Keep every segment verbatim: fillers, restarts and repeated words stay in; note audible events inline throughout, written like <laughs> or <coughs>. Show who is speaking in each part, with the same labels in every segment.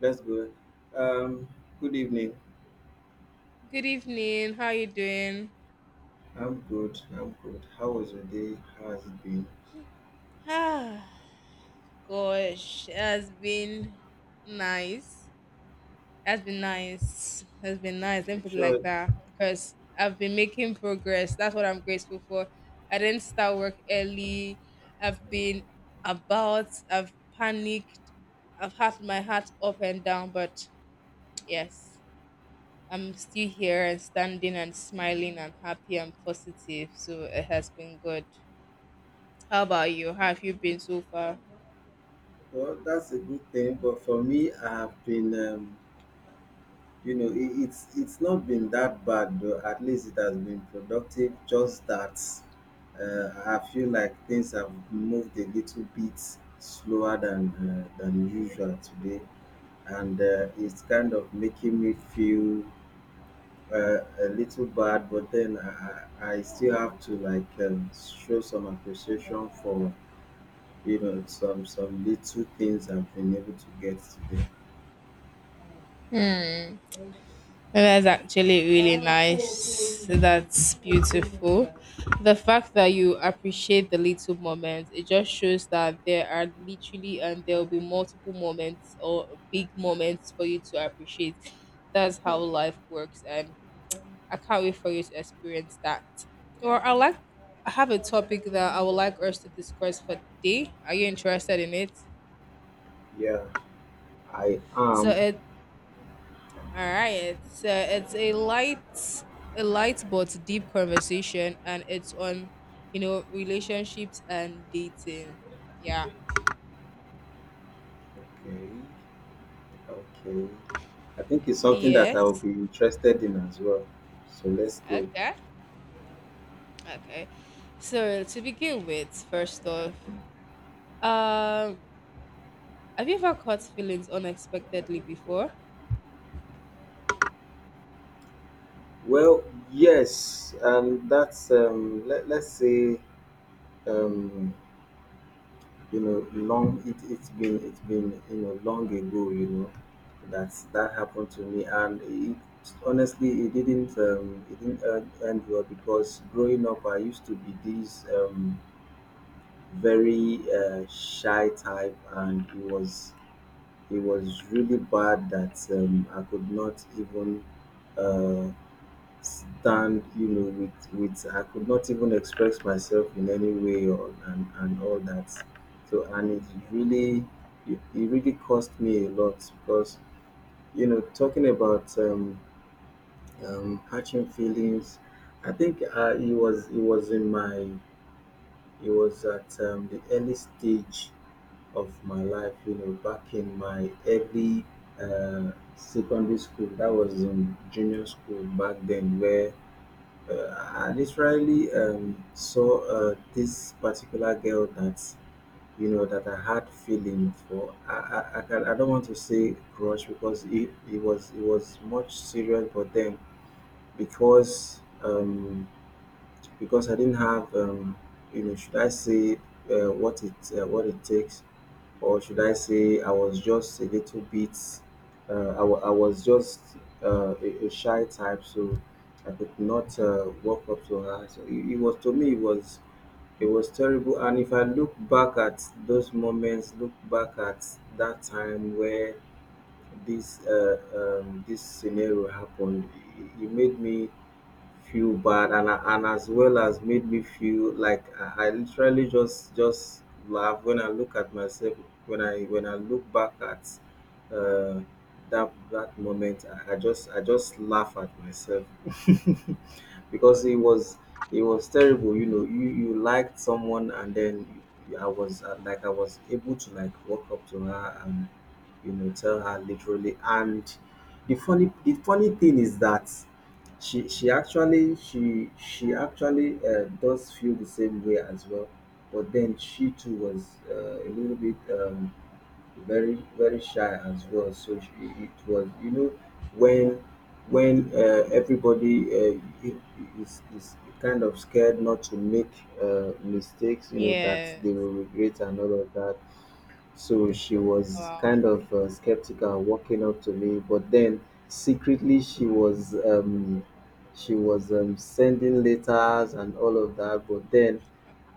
Speaker 1: That's good. Um, Good evening.
Speaker 2: Good evening. How you doing? <sighs>
Speaker 1: I'm good. I'm good. How was your day? How has it been?
Speaker 2: Ah, Gosh, it has been nice. It has been nice. It has been nice. Let me
Speaker 1: You
Speaker 2: put it like
Speaker 1: sure.
Speaker 2: that because I've been making progress. That's what I'm grateful for. I didn't start work early. I've been about. I've panicked. I've had my heart up and down, but yes, I'm still here and standing and smiling and happy and positive. So it has been good. How about you? How have you been so far?
Speaker 1: Well, that's a good thing. But for me, I've been, um, you know, it, it's it's not been that bad though. At least it has been productive. Just that uh, I feel like things have moved a little bit slower than uh, than usual today, and uh, it's kind of making me feel uh, a little bad, but then I, I I still have to like um, show some appreciation for you know some some little things I've been able to get today.
Speaker 2: That's actually really nice. That's beautiful. The fact that you appreciate the little moments, it just shows that there are literally and there will be multiple moments or big moments for you to appreciate. That's how life works, and I can't wait for you to experience that. Or I like I have a topic that I would like us to discuss for today. Are you interested in it?
Speaker 1: Yeah, I
Speaker 2: So
Speaker 1: am.
Speaker 2: it All right. So it's a light, a light but deep conversation, and it's on, you know, relationships and dating. Yeah.
Speaker 1: Okay. Okay, I think it's something that I will
Speaker 2: Yes.
Speaker 1: be interested in as well. So let's go.
Speaker 2: Okay. Okay. So to begin with, first off, um, have you ever caught feelings unexpectedly before?
Speaker 1: Well, yes, um, that's um, let, let's say, um, you know long it, it's been it's been you know long ago, you know that that happened to me. And it, honestly, it didn't um, it didn't end, end well, because growing up, I used to be this, um, very, uh, shy type. And it was it was really bad that, um, I could not even, uh, stand, you know with with I could not even express myself in any way, or and, and all that. So and it really it, it really cost me a lot, because, you know talking about, um, um catching feelings. I think, uh, it was it was in my it was at um, the early stage of my life, you know back in my early, uh, secondary school. That was in junior school back then, where, uh, I literally, um, saw, uh, this particular girl that you know that I had feeling for. I I, I, can, I don't want to say crush, because it, it was it was much serious, but then, because um, because I didn't have, um, you know, should I say, uh, what it uh, what it takes, or should I say I was just a little bit, uh, I, wa- I was just, uh, a, a shy type. So I could not, uh, walk up to her. So it, it was, to me, it was it was terrible. And if I look back at those moments, look back at that time where this uh, um, this scenario happened, it, it made me feel bad, and I, and as well as made me feel like I, I literally just just laugh when I look at myself, when I when I look back at, uh, that that moment. I, I just I just laugh at myself, because it was it was terrible. you know you you liked someone, and then i was uh, like i was able to like walk up to her and, you know tell her literally. And the funny the funny thing is that she she actually she she actually, uh, does feel the same way as well. But then she too was, uh, a little bit, um, very, very shy as well. So sh it was, you know when, when uh, everybody, uh, i- is, is kind of scared not to make, uh, mistakes, you know that
Speaker 2: Yeah.
Speaker 1: they will regret and all of that. So she was
Speaker 2: Wow.
Speaker 1: kind of, uh, skeptical and walking up to me, but then secretly she was um, she was um, sending letters and all of that. But then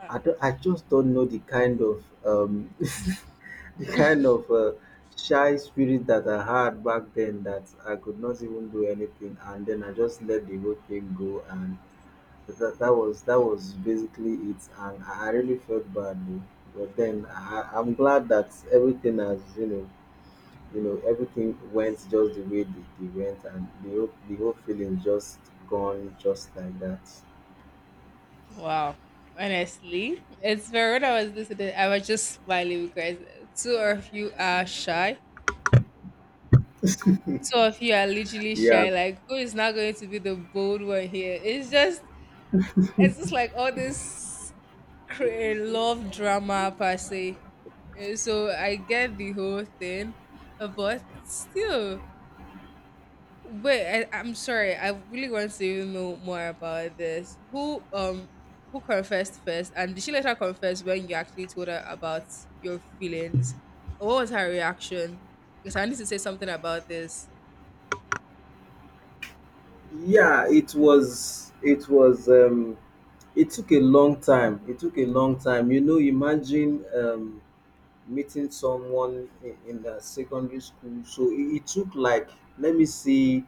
Speaker 1: I, don't, I just don't know the kind of, um, <laughs> the kind of, uh, shy spirit that I had back then, that I could not even do anything. And then I just let the whole thing go, and that that was that was basically it. And i I really felt bad though. But then, I, I- i'm glad that everything has you know you know everything went just the way they, they went, and the whole, the whole feeling just gone just like that.
Speaker 2: Wow. Honestly, it's very when I was listening, I was just smiling because two of you are shy two of you are literally
Speaker 1: Yeah.
Speaker 2: shy. Like, who is not going to be the bold one here? It's just, it's just like all this cra- love drama per se. Eh, so I get the whole thing, uh, but still, wait. I, I'm sorry. I really want to even know more about this. Who um who confessed first, and did she later confess when you actually told her about your feelings? Or what was her reaction? Because I need to say something about this.
Speaker 1: Yeah. it was it was um it took a long time it took a long time. You know imagine, um meeting someone in, in uh, secondary school. So it, it took like, let me see,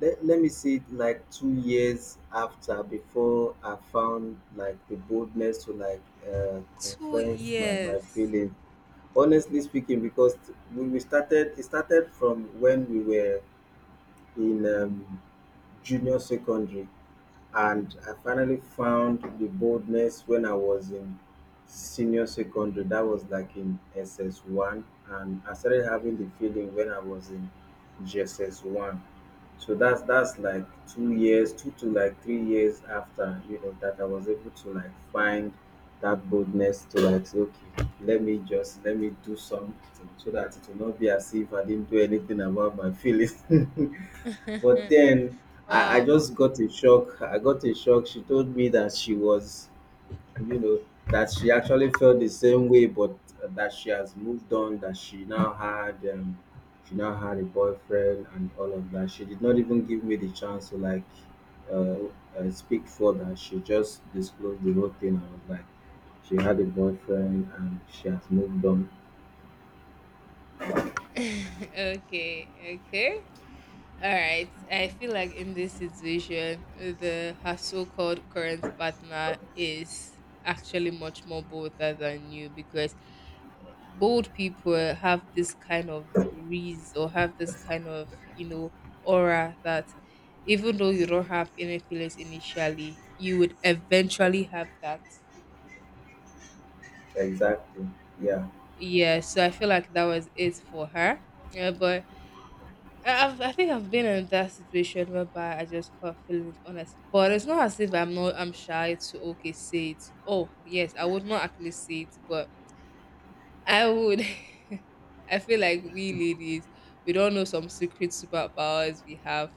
Speaker 1: let, let me see. It like two years after, before I found like the boldness to like, uh,
Speaker 2: Two
Speaker 1: confess my my
Speaker 2: years.
Speaker 1: feelings. Honestly speaking, because we, we started it started from when we were in, um, junior secondary, and I finally found the boldness when I was in senior secondary. That was like in S S one, and I started having the feeling when I was in G S S one. So that's that's like two years, two to like three years after, you know that I was able to like find that boldness, to like say, okay, let me just let me do something, so that it will not be as if I didn't do anything about my feelings. <laughs> But
Speaker 2: <laughs>
Speaker 1: then I, I
Speaker 2: Wow.
Speaker 1: just got a shock. I got a shock. She told me that she was, you know, that she actually felt the same way, but that she has moved on. That she now had, um, she now had a boyfriend and all of that. She did not even give me the chance to like, uh, uh, speak further. She just disclosed the whole thing. I was like, she had a boyfriend and she has moved on.
Speaker 2: Okay. Okay. All right. I feel like in this situation, the her so-called current partner is actually much more bolder than you because bold people have this kind of reason or have this kind of you know aura that even though you don't have any feelings initially, you would eventually have that.
Speaker 1: Exactly. Yeah.
Speaker 2: Yeah. So I feel like that was it for her. Yeah, but I- I've, I think I've been in that situation whereby I just caught feelings honest, but it's not as if I'm not I'm shy to okay say it. Oh yes, I would not actually say it, but I would. <laughs> I feel like we ladies we don't know some secret superpowers we have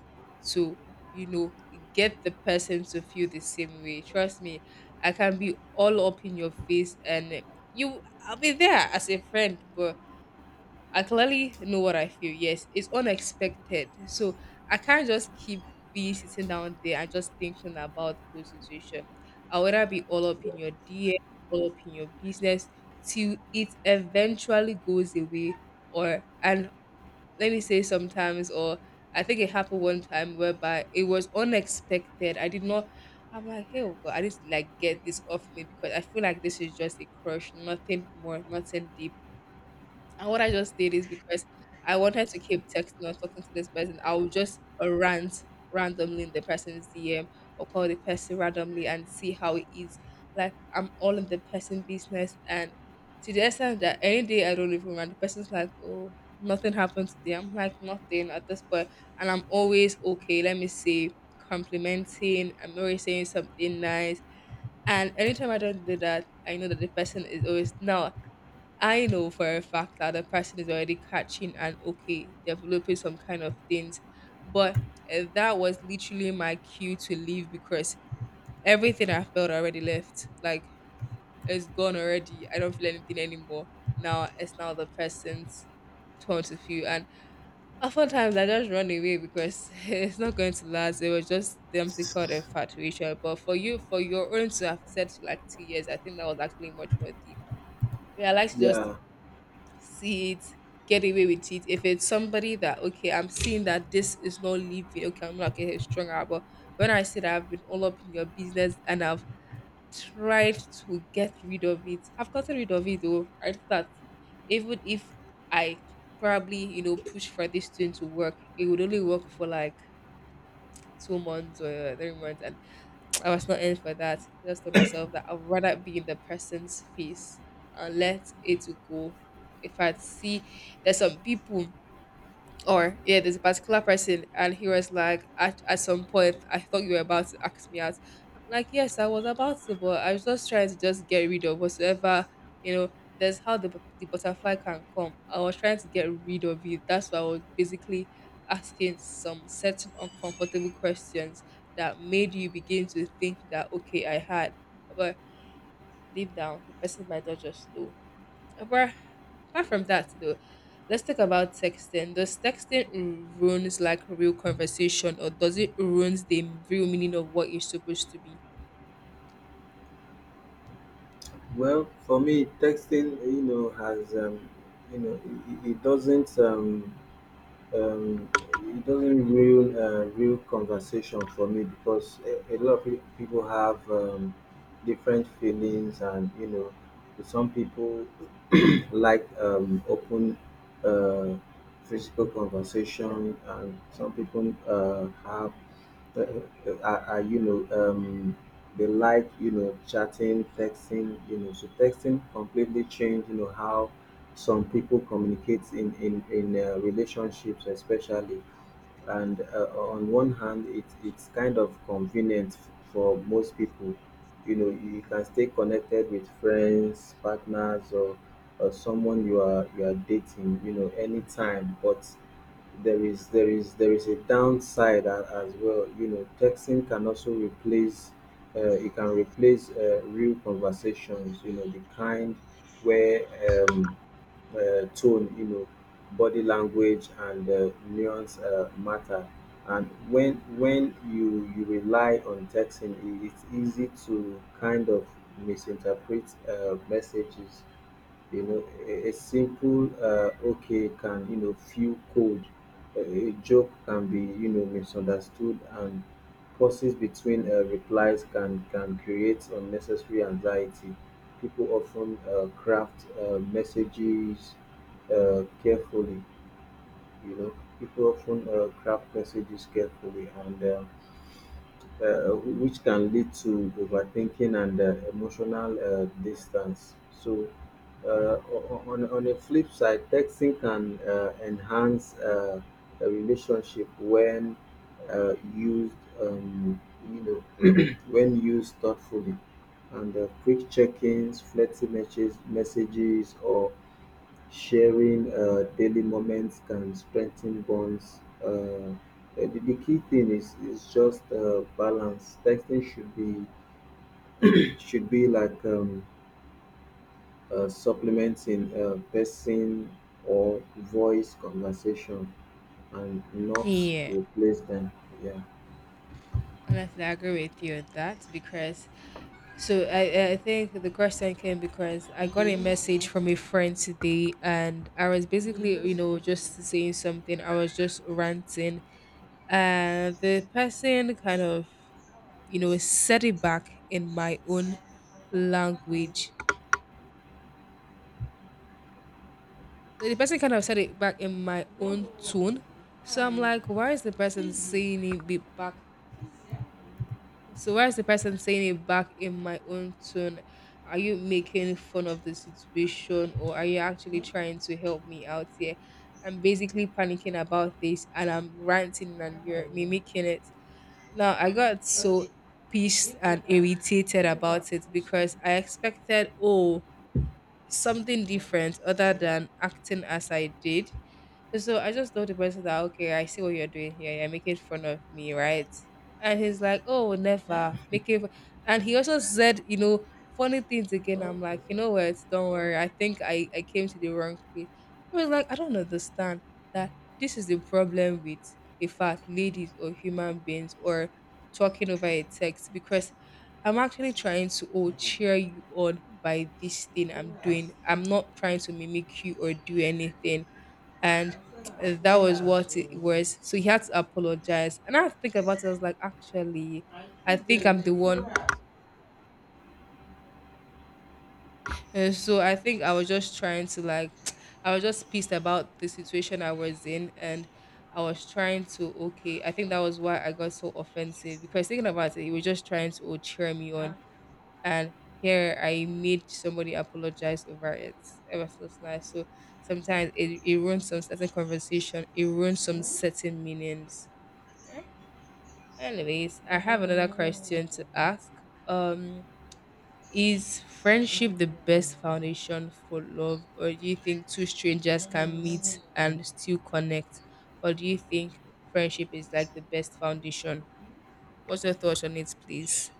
Speaker 2: to you know get the person to feel the same way. Trust me, I can be all up in your face and you I'll be there as a friend, but I clearly know what I feel. Yes, it's unexpected. So I can't just keep be sitting down there and just thinking about the whole situation. I'll rather be all up in your D M, all up in your business till it eventually goes away. Or and let me say sometimes, or I think it happened one time whereby it was unexpected. I did not I'm like, hey oh God, I just like get this off me because I feel like this is just a crush, nothing more, nothing deep, and what I just did is because I wanted to keep texting or talking to this person, I would just uh, rant randomly in the person's D M or call the person randomly and see how it is. Like I'm all in the person business and to the extent that any day I don't even rant, the person's like, "Oh, nothing happened today." I'm like nothing at this point point," and I'm always okay, let me see, complimenting, I'm always saying something nice. And anytime I don't do that, I know that the person is always now I know for a fact that the person is already catching and okay, developing some kind of things. But uh, that was literally my cue to leave because everything I felt already left. Like it's gone already. I don't feel anything anymore. Now it's now the person's turn to feel. And oftentimes I just run away because <laughs> it's not going to last. It was just the empty called infatuation. But for you, for your own to have said like two years, I think that was actually much more deep. Realize you just
Speaker 1: Yeah.
Speaker 2: see it, get away with it. If it's somebody that okay, I'm seeing that this is not leaving, okay, I'm not getting stronger. But when I say that I've been all up in your business and I've tried to get rid of it, I've gotten rid of it though. I think that even if I probably, you know, push for this thing to work, it would only work for like two months or three months and I was not in for that. I just told myself that I'd rather be in the person's face and let it go. If I see there's some people or yeah, there's a particular person, and he was like, at, at some point, I thought you were about to ask me out. I'm like, yes, I was about to, but I was just trying to just get rid of whatsoever, you know. That's how the bu- the butterfly can come. I was trying to get rid of it. That's why I was basically asking some certain uncomfortable questions that made you begin to think that okay, I had, but deep down the person might not just know. But apart from that, though, let's talk about texting. Does texting ru- ruins like real conversation, or does it ruins the real meaning of what you're supposed to be?
Speaker 1: Well, for me, texting, you know, has, um, you know, it, it it doesn't, um, um, it doesn't real, uh, real conversation for me, because a, a lot of pe- people have, um, different feelings. And, you know, some people <clears throat> like, um, open, uh, physical conversation, and some people, uh, have uh, uh, are, are, you know um they like, you know chatting, texting, you know so texting completely changed, you know how some people communicate in in in uh, relationships, especially. And, uh, on one hand, it, it's kind of convenient, f- for most people. You know you can stay connected with friends, partners, or, or someone you are you are dating, you know anytime. But there is there is there is a downside, a- as well. You know texting can also replace uh, it can replace, uh, real conversations, you know the kind where, um, uh, tone, you know body language, and, uh, nuance, uh, matter. And when, when you you rely on texting, i- it's easy to kind of misinterpret, uh, messages. You know a a simple uh, okay can, you know feel cold. A, a joke can be, you know misunderstood, and pauses between, uh, replies can can create unnecessary anxiety. People often, uh, craft, uh, messages, uh, carefully. you know People often, uh, craft messages carefully, and, uh, uh, which can lead to overthinking and, uh, emotional, uh, distance. So, uh, o- o- on, on the flip side, texting can, uh, enhance, uh, a relationship when, uh, used, um, you know, <clears throat> when used thoughtfully. And, uh, quick check-ins, flirty messages, messages, or sharing, uh, daily moments can strengthen bonds. Uh, uh, the, the key thing is is just, uh, balance. Texting should be should be like, um, uh, supplementing, uh, person or voice conversation, and not
Speaker 2: Yeah,
Speaker 1: replace them. Yeah.
Speaker 2: honestly, I agree with you on that because so I I think the question came because I got a message from a friend today, and I was basically you know just saying something. I was just ranting, and the person kind of you know said it back in my own language. So the person kind of said it back in my own tone. So I'm like, why is the person saying it be back? So why is the person saying it back in my own tone? Are you making fun of the situation or are you actually trying to help me out here? I'm basically panicking about this and I'm ranting and you're mimicking it. Now I got so pissed and irritated about it because I expected, oh, something different other than acting as I did, so I just told the person that, okay, I see what you're doing here. You're making fun of me, right? And he's like, oh, never. Making fun. And he also said, you know, funny things again. I'm like, you know what? Don't worry. I think I, I came to the wrong place. I was like, I don't understand that this is the problem with, in fact, ladies or human beings or talking over a text because I'm actually trying to oh cheer you on by this thing I'm doing. I'm not trying to mimic you or do anything, and uh, that was what it was. So he had to apologize, and I had to think about it. I was like, actually, I think I'm the one. And so I think I was just trying to like, <tsk> I was just pissed about the situation I was in, and I was trying to okay. I think that was why I got so offensive because thinking about it, he was just trying to oh, cheer me on, and here I made somebody apologize over it. It was just nice. So sometimes it, it ruins some certain conversation, it ruins some certain meanings. Anyways, I have another question to ask. Um, is friendship the best foundation for love, or do you think two strangers can meet and still connect, or do you think friendship is like the best foundation? What's your thoughts on it, please?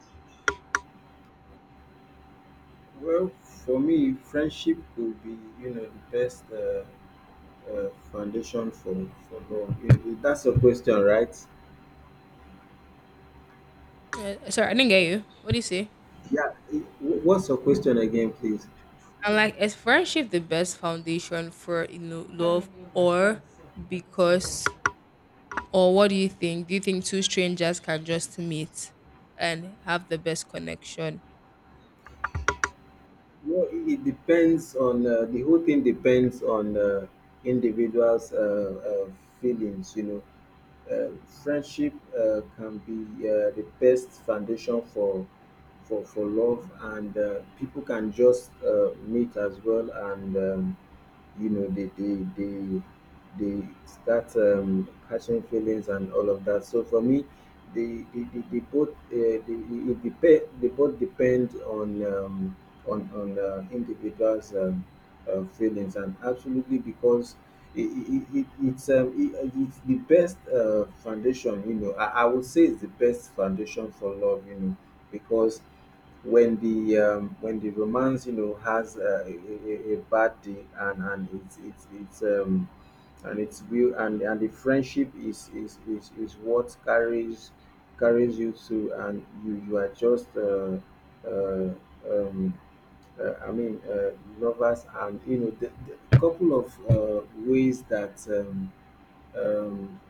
Speaker 1: Well, for me, friendship could be, you know the best, uh, uh, foundation for, for love. If- if That's your question, right?
Speaker 2: Uh, sorry, I didn't get you. What do you say?
Speaker 1: Yeah. eh, wh- What's your question again, please?
Speaker 2: And like, is friendship the best foundation for you know love, or because, or what do you think? Do you think two strangers can just meet and have the best connection?
Speaker 1: Well, it it depends on uh, the whole thing depends on, uh, individuals', uh, uh, feelings. You know, uh, friendship, uh, can be, uh, the best foundation for for for love, and, uh, people can just, uh, meet as well. And, Um, you know they they they they start, um, catching feelings and all of that. So for me, they they, they, they both, uh, they, it depend they both depend on, um, on on uh, individuals', um, uh, feelings. And absolutely, because It, it, it, it's um, it, it's the best, uh, foundation. you know I, I would say it's the best foundation for love, you know because when the um, when the romance, you know has, uh, a, a, a bad day, and and it's it's it's um and it's real. and and the friendship is is is, is what carries carries you through, and you you are just, uh, uh, um, uh, I mean, uh, lovers. And, you know the, the couple of, uh, ways that, um, um,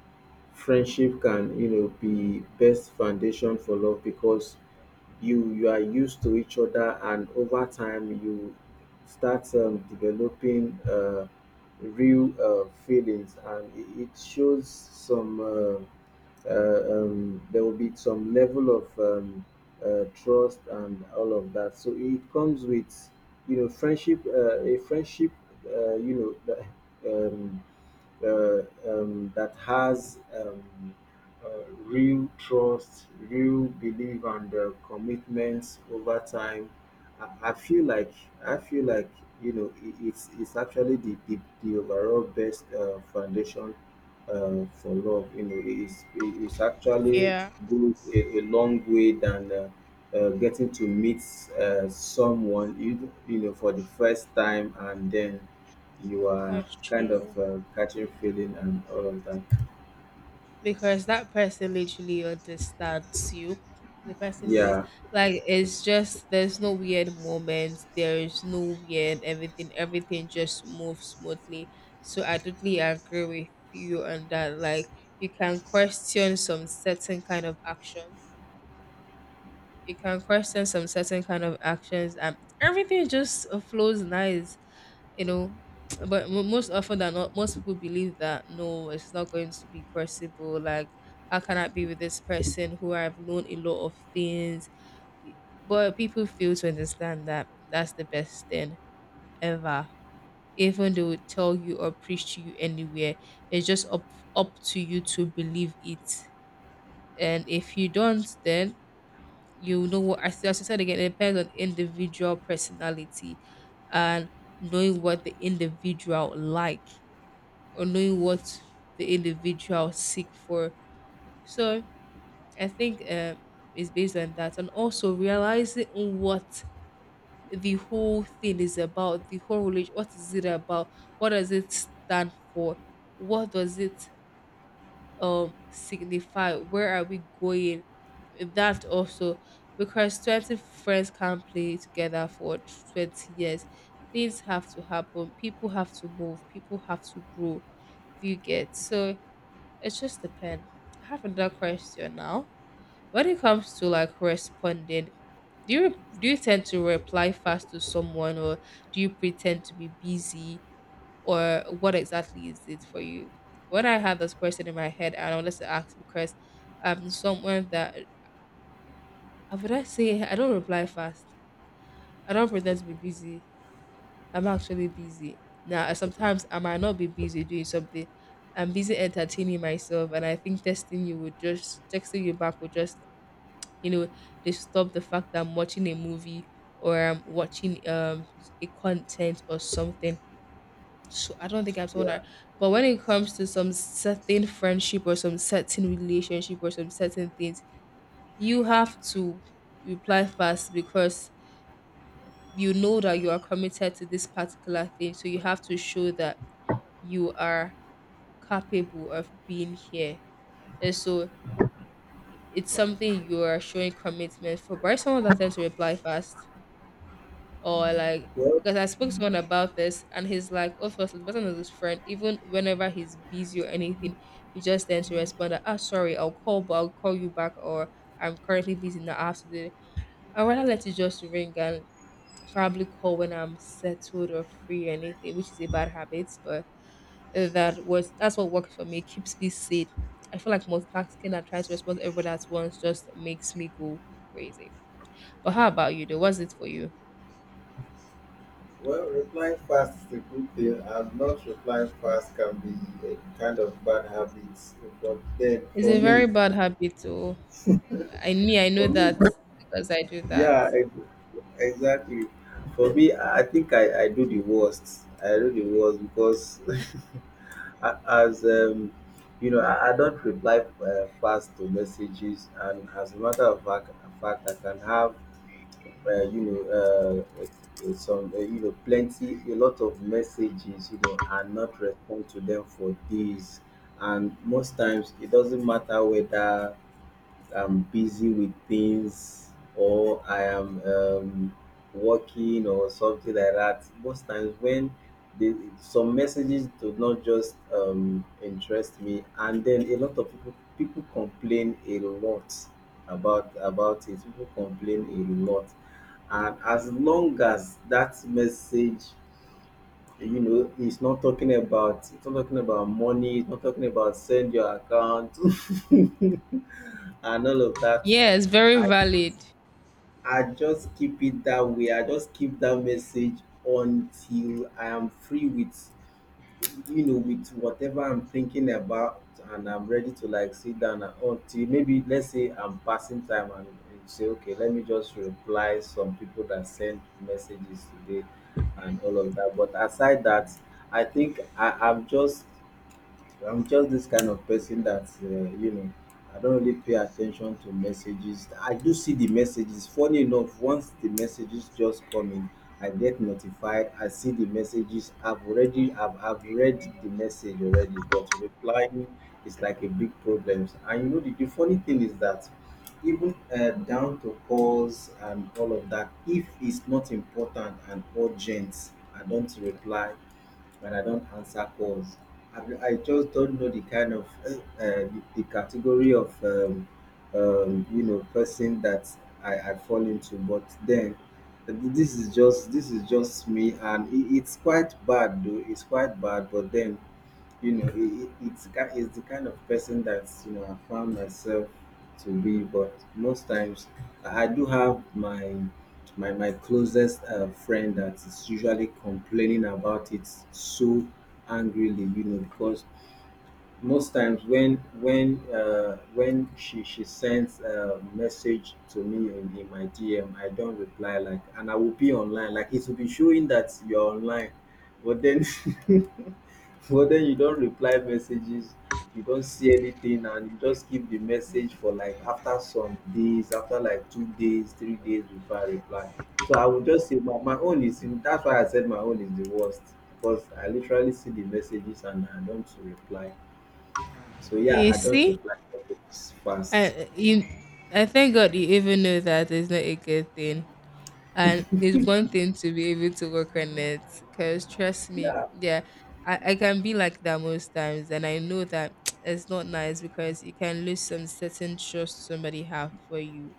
Speaker 1: friendship can, you know be best foundation for love, because you you are used to each other, and over time you start, um, developing, uh, real, uh, feelings. And it, it shows some, uh, uh, um, there will be some level of, um, uh, trust and all of that. So it comes with, you know, friendship, uh, a friendship, uh, you know, that, um, uh, um, that has, um, uh, real trust, real belief, and, uh, commitments over time. I, I feel like I feel like, you know it, it's it's actually the, the, the overall best, uh, foundation, uh, for love. You know, it is it- it's actually
Speaker 2: Yeah,
Speaker 1: goes a, a long way than uh, uh, getting to meet uh, someone you you know for the first time, and then you are
Speaker 2: that's
Speaker 1: kind
Speaker 2: true.
Speaker 1: of uh, catching feeling and all of that.
Speaker 2: Because that person literally understands you. The person knows,
Speaker 1: Yeah,
Speaker 2: like, it's just there's no weird moments, there is no weird everything, everything just moves smoothly. So, I totally agree with you on that. Like, you can question some certain kind of actions, you can question some certain kind of actions, and everything just uh, flows nice. you know but mo- most often than not, most people believe that no, it's not going to be possible. Like, how can I be with this person who I've known a lot of things? But people fail to understand that that's the best thing ever. Even they would tell you or preach to you anywhere, it's just up up to you to believe it. And if you don't, then you know what, as as I said again, it depends on individual personality and knowing what the individual like or knowing what the individual seek for. So I think um, it's based on that, and also realizing what the whole thing is about, the whole religion. What is it about? What does it stand for? What does it um signify? Where are we going? That also, because twenty friends can't play together for twenty years. Things have to happen. People have to move. People have to grow. If you get so, it just depends. I have another question now. When it comes to like responding, do you do you tend to reply fast to someone, or do you pretend to be busy, or what exactly is it for you? When I had this question in my head, I wanted to ask because I'm someone that I would I say I don't reply fast. I don't pretend to be busy. I'm actually busy. Now, sometimes I might not be busy doing something. I'm busy entertaining myself, and I think texting you would just texting you back would just you know disturb the fact that I'm watching a movie, or I'm watching um a content or something. So I don't think I'm someone
Speaker 1: yeah.
Speaker 2: that. But when it comes to some certain friendship or some certain relationship or some certain things, you have to reply fast because you know that you are committed to this particular thing. So you have to show that you are capable of being here. And so it's something you are showing commitment for. But someone that tends to reply fast or like,
Speaker 1: Well,
Speaker 2: because I spoke to someone about this and he's like, "Oh, first the person is his friend, even whenever he's busy or anything, he just tends to respond that, ah sorry, I'll call, but I'll call you back, or I'm currently busy now." after the I'd rather let it just ring and probably call when I'm settled or free or anything, which is a bad habit. But Uh, that was that's what worked for me. It keeps me sane. I feel like multitasking and trying to respond to everybody at once just makes me go crazy. But how about you though? What's it for you?
Speaker 1: Well, replying fast is a good thing, and not replying fast can be a kind of bad habit. But then,
Speaker 2: It's
Speaker 1: for
Speaker 2: a very
Speaker 1: me,
Speaker 2: bad habit though. I me, I know
Speaker 1: for me,
Speaker 2: that, because I do that.
Speaker 1: yeah, ex- exactly. For me, I I think I, I do the worst. I do the worst because, <laughs> a- as um, you know, I, I don't reply uh, fast to messages, and as a matter of fact, fact, I can have uh, you know, uh, uh, some, uh, you know, plenty, a lot of messages, you know, and not respond to them for days. And most times, it doesn't matter whether I'm busy with things or I am um, working or something like that. Most times when the, some messages do not just um, interest me, and then a lot of people people complain a lot about about it. People complain a lot, and as long as that message, you know, is not talking about, it's not talking about money, it's not talking about send your account, <laughs> and all of that,
Speaker 2: Yeah, it's very
Speaker 1: I
Speaker 2: valid.
Speaker 1: I just keep it that way. I just keep that message until I am free with, you know, with whatever I'm thinking about, and I'm ready to like sit down. And until maybe, let's say I'm passing time and, and say, okay, let me just reply some people that sent messages today and all of that. But aside that, I think I, I'm just I'm just this kind of person that, uh, you know, I don't really pay attention to messages. I do see the messages. Funny enough, once the messages just come in, I get notified. I see the messages. I've already I've, I've read the message already, but replying is like a big problem. And you know, the, the funny thing is that even uh, down to calls and all of that, if it's not important and urgent, I don't reply, when I don't answer calls. I mean, I just don't know the kind of uh, uh, the, the category of um, um, you know, person that I, I fall into. But then uh, this is just this is just me, and it, it's quite bad though. It's quite bad, but then, you know, it, it, it's ki- it's the kind of person that, you know, I found myself to be. But most times, I I do have my my my closest uh, friend that is usually complaining about it so angrily, you know, because most times when when uh, when she she sends a message to me in, in my DM, I don't reply, like, and I will be online, like, it will be showing that you're online, but then <laughs> but then you don't reply messages, you don't see anything, and you just keep the message for like after some days, after like two days, three days before I reply. So I would just say my, my own is, that's why I said my own is the worst, because I literally see the messages and I don't reply. So yeah,
Speaker 2: You
Speaker 1: I don't
Speaker 2: see,
Speaker 1: reply messages fast.
Speaker 2: I you, I thank God you even know that it's not a good thing. And it's one thing to be able to work on it, because trust me,
Speaker 1: Yeah,
Speaker 2: yeah, I, I can be like that most times, and I know that <tsk> it's not nice because you can lose some certain trust somebody have for you.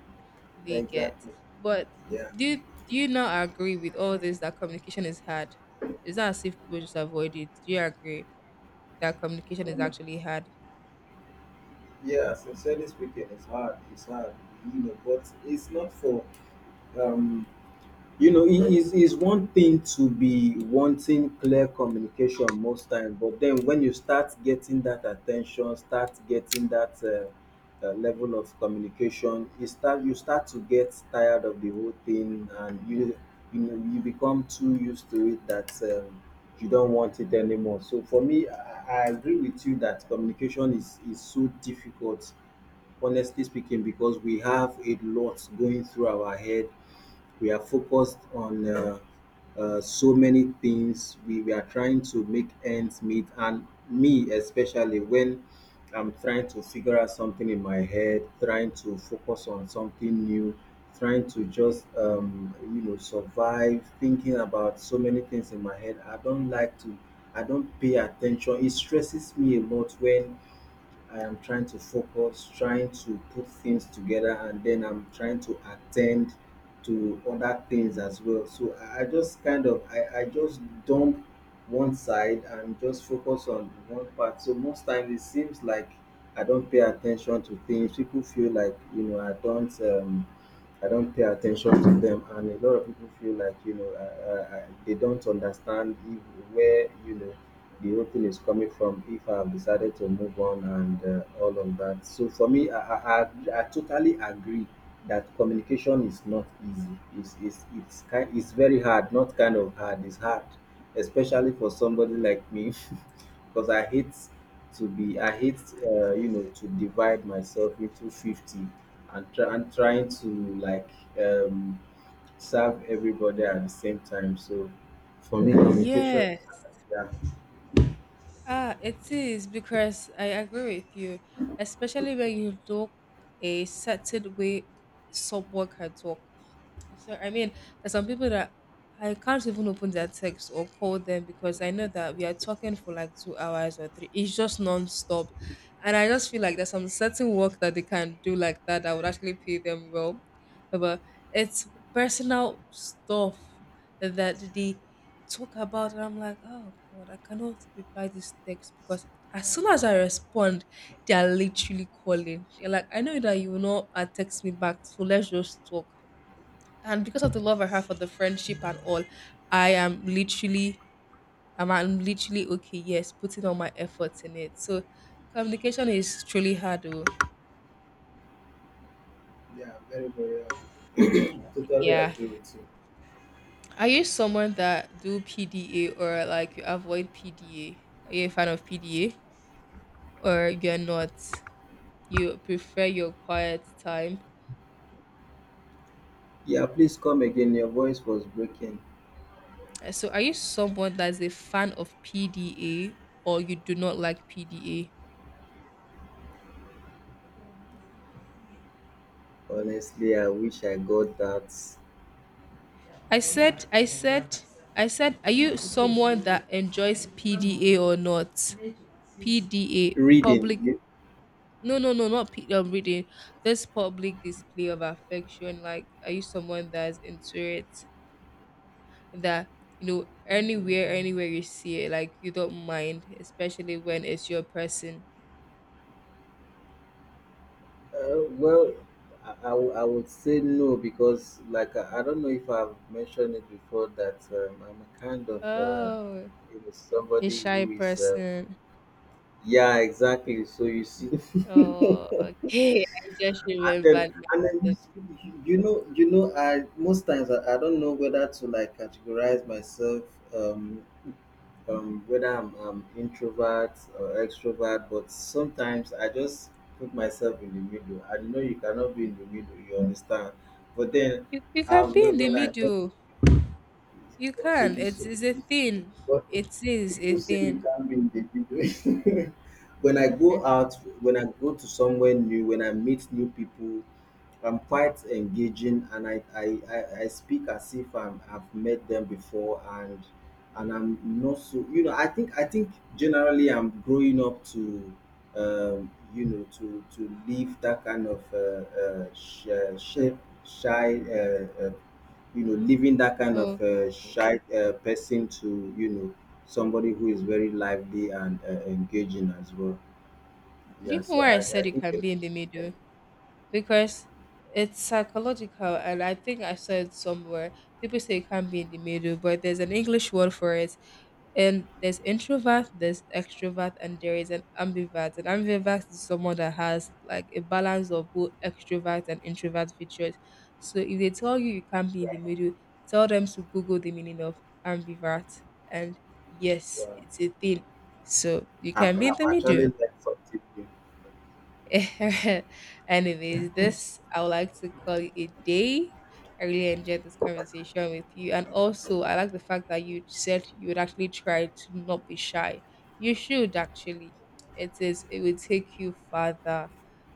Speaker 2: They get.
Speaker 1: exactly.
Speaker 2: But
Speaker 1: Yeah.
Speaker 2: do you, do you not agree with all this that communication is hard? It's not as if people just avoid it. Do you agree that communication is
Speaker 1: Um,
Speaker 2: actually hard?
Speaker 1: yeah, sincerely speaking, it's hard. It's hard, you know, but it's not for um you know, it is is one thing to be wanting clear communication most time, but then when you start getting that attention, start getting that uh, uh, level of communication, you start you start to get tired of the whole thing, and you you know, you become too used to it that um, you don't want it anymore. So for me, I, I agree with you that communication is is so difficult, honestly speaking, because we have a lot going through our head. We are focused on uh, uh, so many things. We, we are trying to make ends meet, and me especially, when I'm trying to figure out something in my head, trying to focus on something new, trying to just, um, you know, survive, thinking about so many things in my head, i don't like to I don't pay attention. It stresses me a lot when I am trying to focus, trying to put things together, and then I'm trying to attend to other things as well. So I, I just kind of I, I just dump one side and just focus on one part. So most times it seems like I don't pay attention to things. People feel like, you know, I don't. Um, I don't pay attention to them, and a lot of people feel like, you know, uh, uh, uh, they don't understand if, where, you know, the whole thing is coming from. If I've decided to move on and, uh, all of that. So for me, I, I, I, I totally agree that communication is not easy. It's it's it's kind it's very hard. Not kind of hard. It's hard, especially for somebody like me. <laughs> Because I hate to be, I hate, uh, you know, to divide myself into fifty and try and trying to, like, um, serve everybody at the same time. So for me, yeah, communication is
Speaker 2: Yes.
Speaker 1: hard. Yeah.
Speaker 2: Ah, it is, because I agree with you, especially when you talk a certain way someone can talk. So I mean, there's some people that I can't even open their text or call them because I know that we are talking for like two hours or three. It's just non-stop, and I just feel like there's some certain work that they can do like that that would actually pay them well, but it's personal stuff that they talk about, and I'm like, "Oh god, I cannot reply this text because as soon as I respond, they are literally calling." They're like, "I know that you will not uh, text me back, so let's just talk." And because of the love I have for the friendship and all, I am literally, I'm, I'm literally okay, yes, putting all my efforts in it. So communication is truly hard though.
Speaker 1: Yeah, very, very hard. <coughs> <clears throat> Totally
Speaker 2: Yeah.
Speaker 1: agree with you.
Speaker 2: Are you someone that do P D A, or like you avoid P D A? Are you a fan of P D A? Or you're not? You prefer your quiet time.
Speaker 1: Yeah, please come again. Your voice was breaking.
Speaker 2: Uh, So are you someone that's a fan of P D A, or you do not like P D A?
Speaker 1: Honestly, I wish I got that
Speaker 2: I said, I said, I said, are you someone that enjoys P D A or not? P D A, public.
Speaker 1: reading.
Speaker 2: No, no, no, not P, um, reading. This public display of affection. Like, are you someone that's into it? That, you know, anywhere, anywhere you see it, like you don't mind, especially when it's your person.
Speaker 1: Uh, well, I, I wou- I would say no because, like, I, I don't know if I've mentioned it before that, um, I'm a kind of, uh,
Speaker 2: Oh,
Speaker 1: you know,
Speaker 2: a
Speaker 1: somebody
Speaker 2: shy
Speaker 1: who is, uh,
Speaker 2: person.
Speaker 1: yeah, exactly. So you see, <laughs>
Speaker 2: Oh, okay. <laughs> I just
Speaker 1: and then
Speaker 2: remembered
Speaker 1: and
Speaker 2: now.
Speaker 1: then you, you you know, you know, I most times I, I don't know whether to like categorize myself, um, um, whether I'm, I'm introvert or extrovert, but sometimes I just put myself in the middle. I know you cannot be in the middle, you understand. But then,
Speaker 2: You, you can
Speaker 1: um,
Speaker 2: be in
Speaker 1: when,
Speaker 2: the
Speaker 1: when I went,
Speaker 2: middle. You
Speaker 1: okay,
Speaker 2: can.
Speaker 1: you
Speaker 2: It
Speaker 1: say,
Speaker 2: is a thing.
Speaker 1: but
Speaker 2: It is a
Speaker 1: people say you
Speaker 2: thing.
Speaker 1: can't be in the middle. <laughs> When I go
Speaker 2: <laughs>
Speaker 1: out, when I go to somewhere new, when I meet new people, I'm quite engaging, and I, I, I, I speak as if I'm, I've met them before, and and I'm not so, you know. I think I think generally I'm growing up to, um, you know, to to leave that kind of uh, uh, sh- uh, shy shy uh, uh, you know, leaving that kind of uh,
Speaker 2: Okay.
Speaker 1: shy uh, person to, you know, somebody who is very lively and, uh, engaging as well.
Speaker 2: Do you
Speaker 1: Yeah,
Speaker 2: know
Speaker 1: so
Speaker 2: why I
Speaker 1: I, I
Speaker 2: said you
Speaker 1: think
Speaker 2: can
Speaker 1: it-
Speaker 2: be in the middle? Because it's psychological, and I think I saw it somewhere. People say you can't be in the middle, but there's an English word for it. And there's introvert, there's extrovert, and there is an ambivert. An ambivert is someone that has like a balance of both extrovert and introvert features. So if they tell you you can't be in the middle, tell them to Google the meaning of ambivert. And yes, it's a thing. So you
Speaker 1: I've,
Speaker 2: can be in
Speaker 1: I've
Speaker 2: the middle.
Speaker 1: actually learned something new.
Speaker 2: <laughs> Anyways, this, I would like to call it a day. I really enjoyed this conversation with you, and also I like the fact that you said you would actually try to not be shy. You should actually. It is. It will take you further,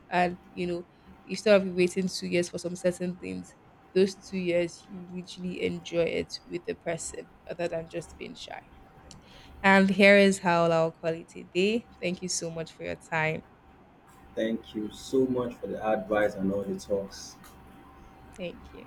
Speaker 2: and you know, instead of you waiting two years for some certain things, those two years you literally enjoy it with the person, other than just being shy. And here is how I'll call it a day. Thank you so much for your time.
Speaker 1: Thank you so much for the advice and all the talks.
Speaker 2: Thank you.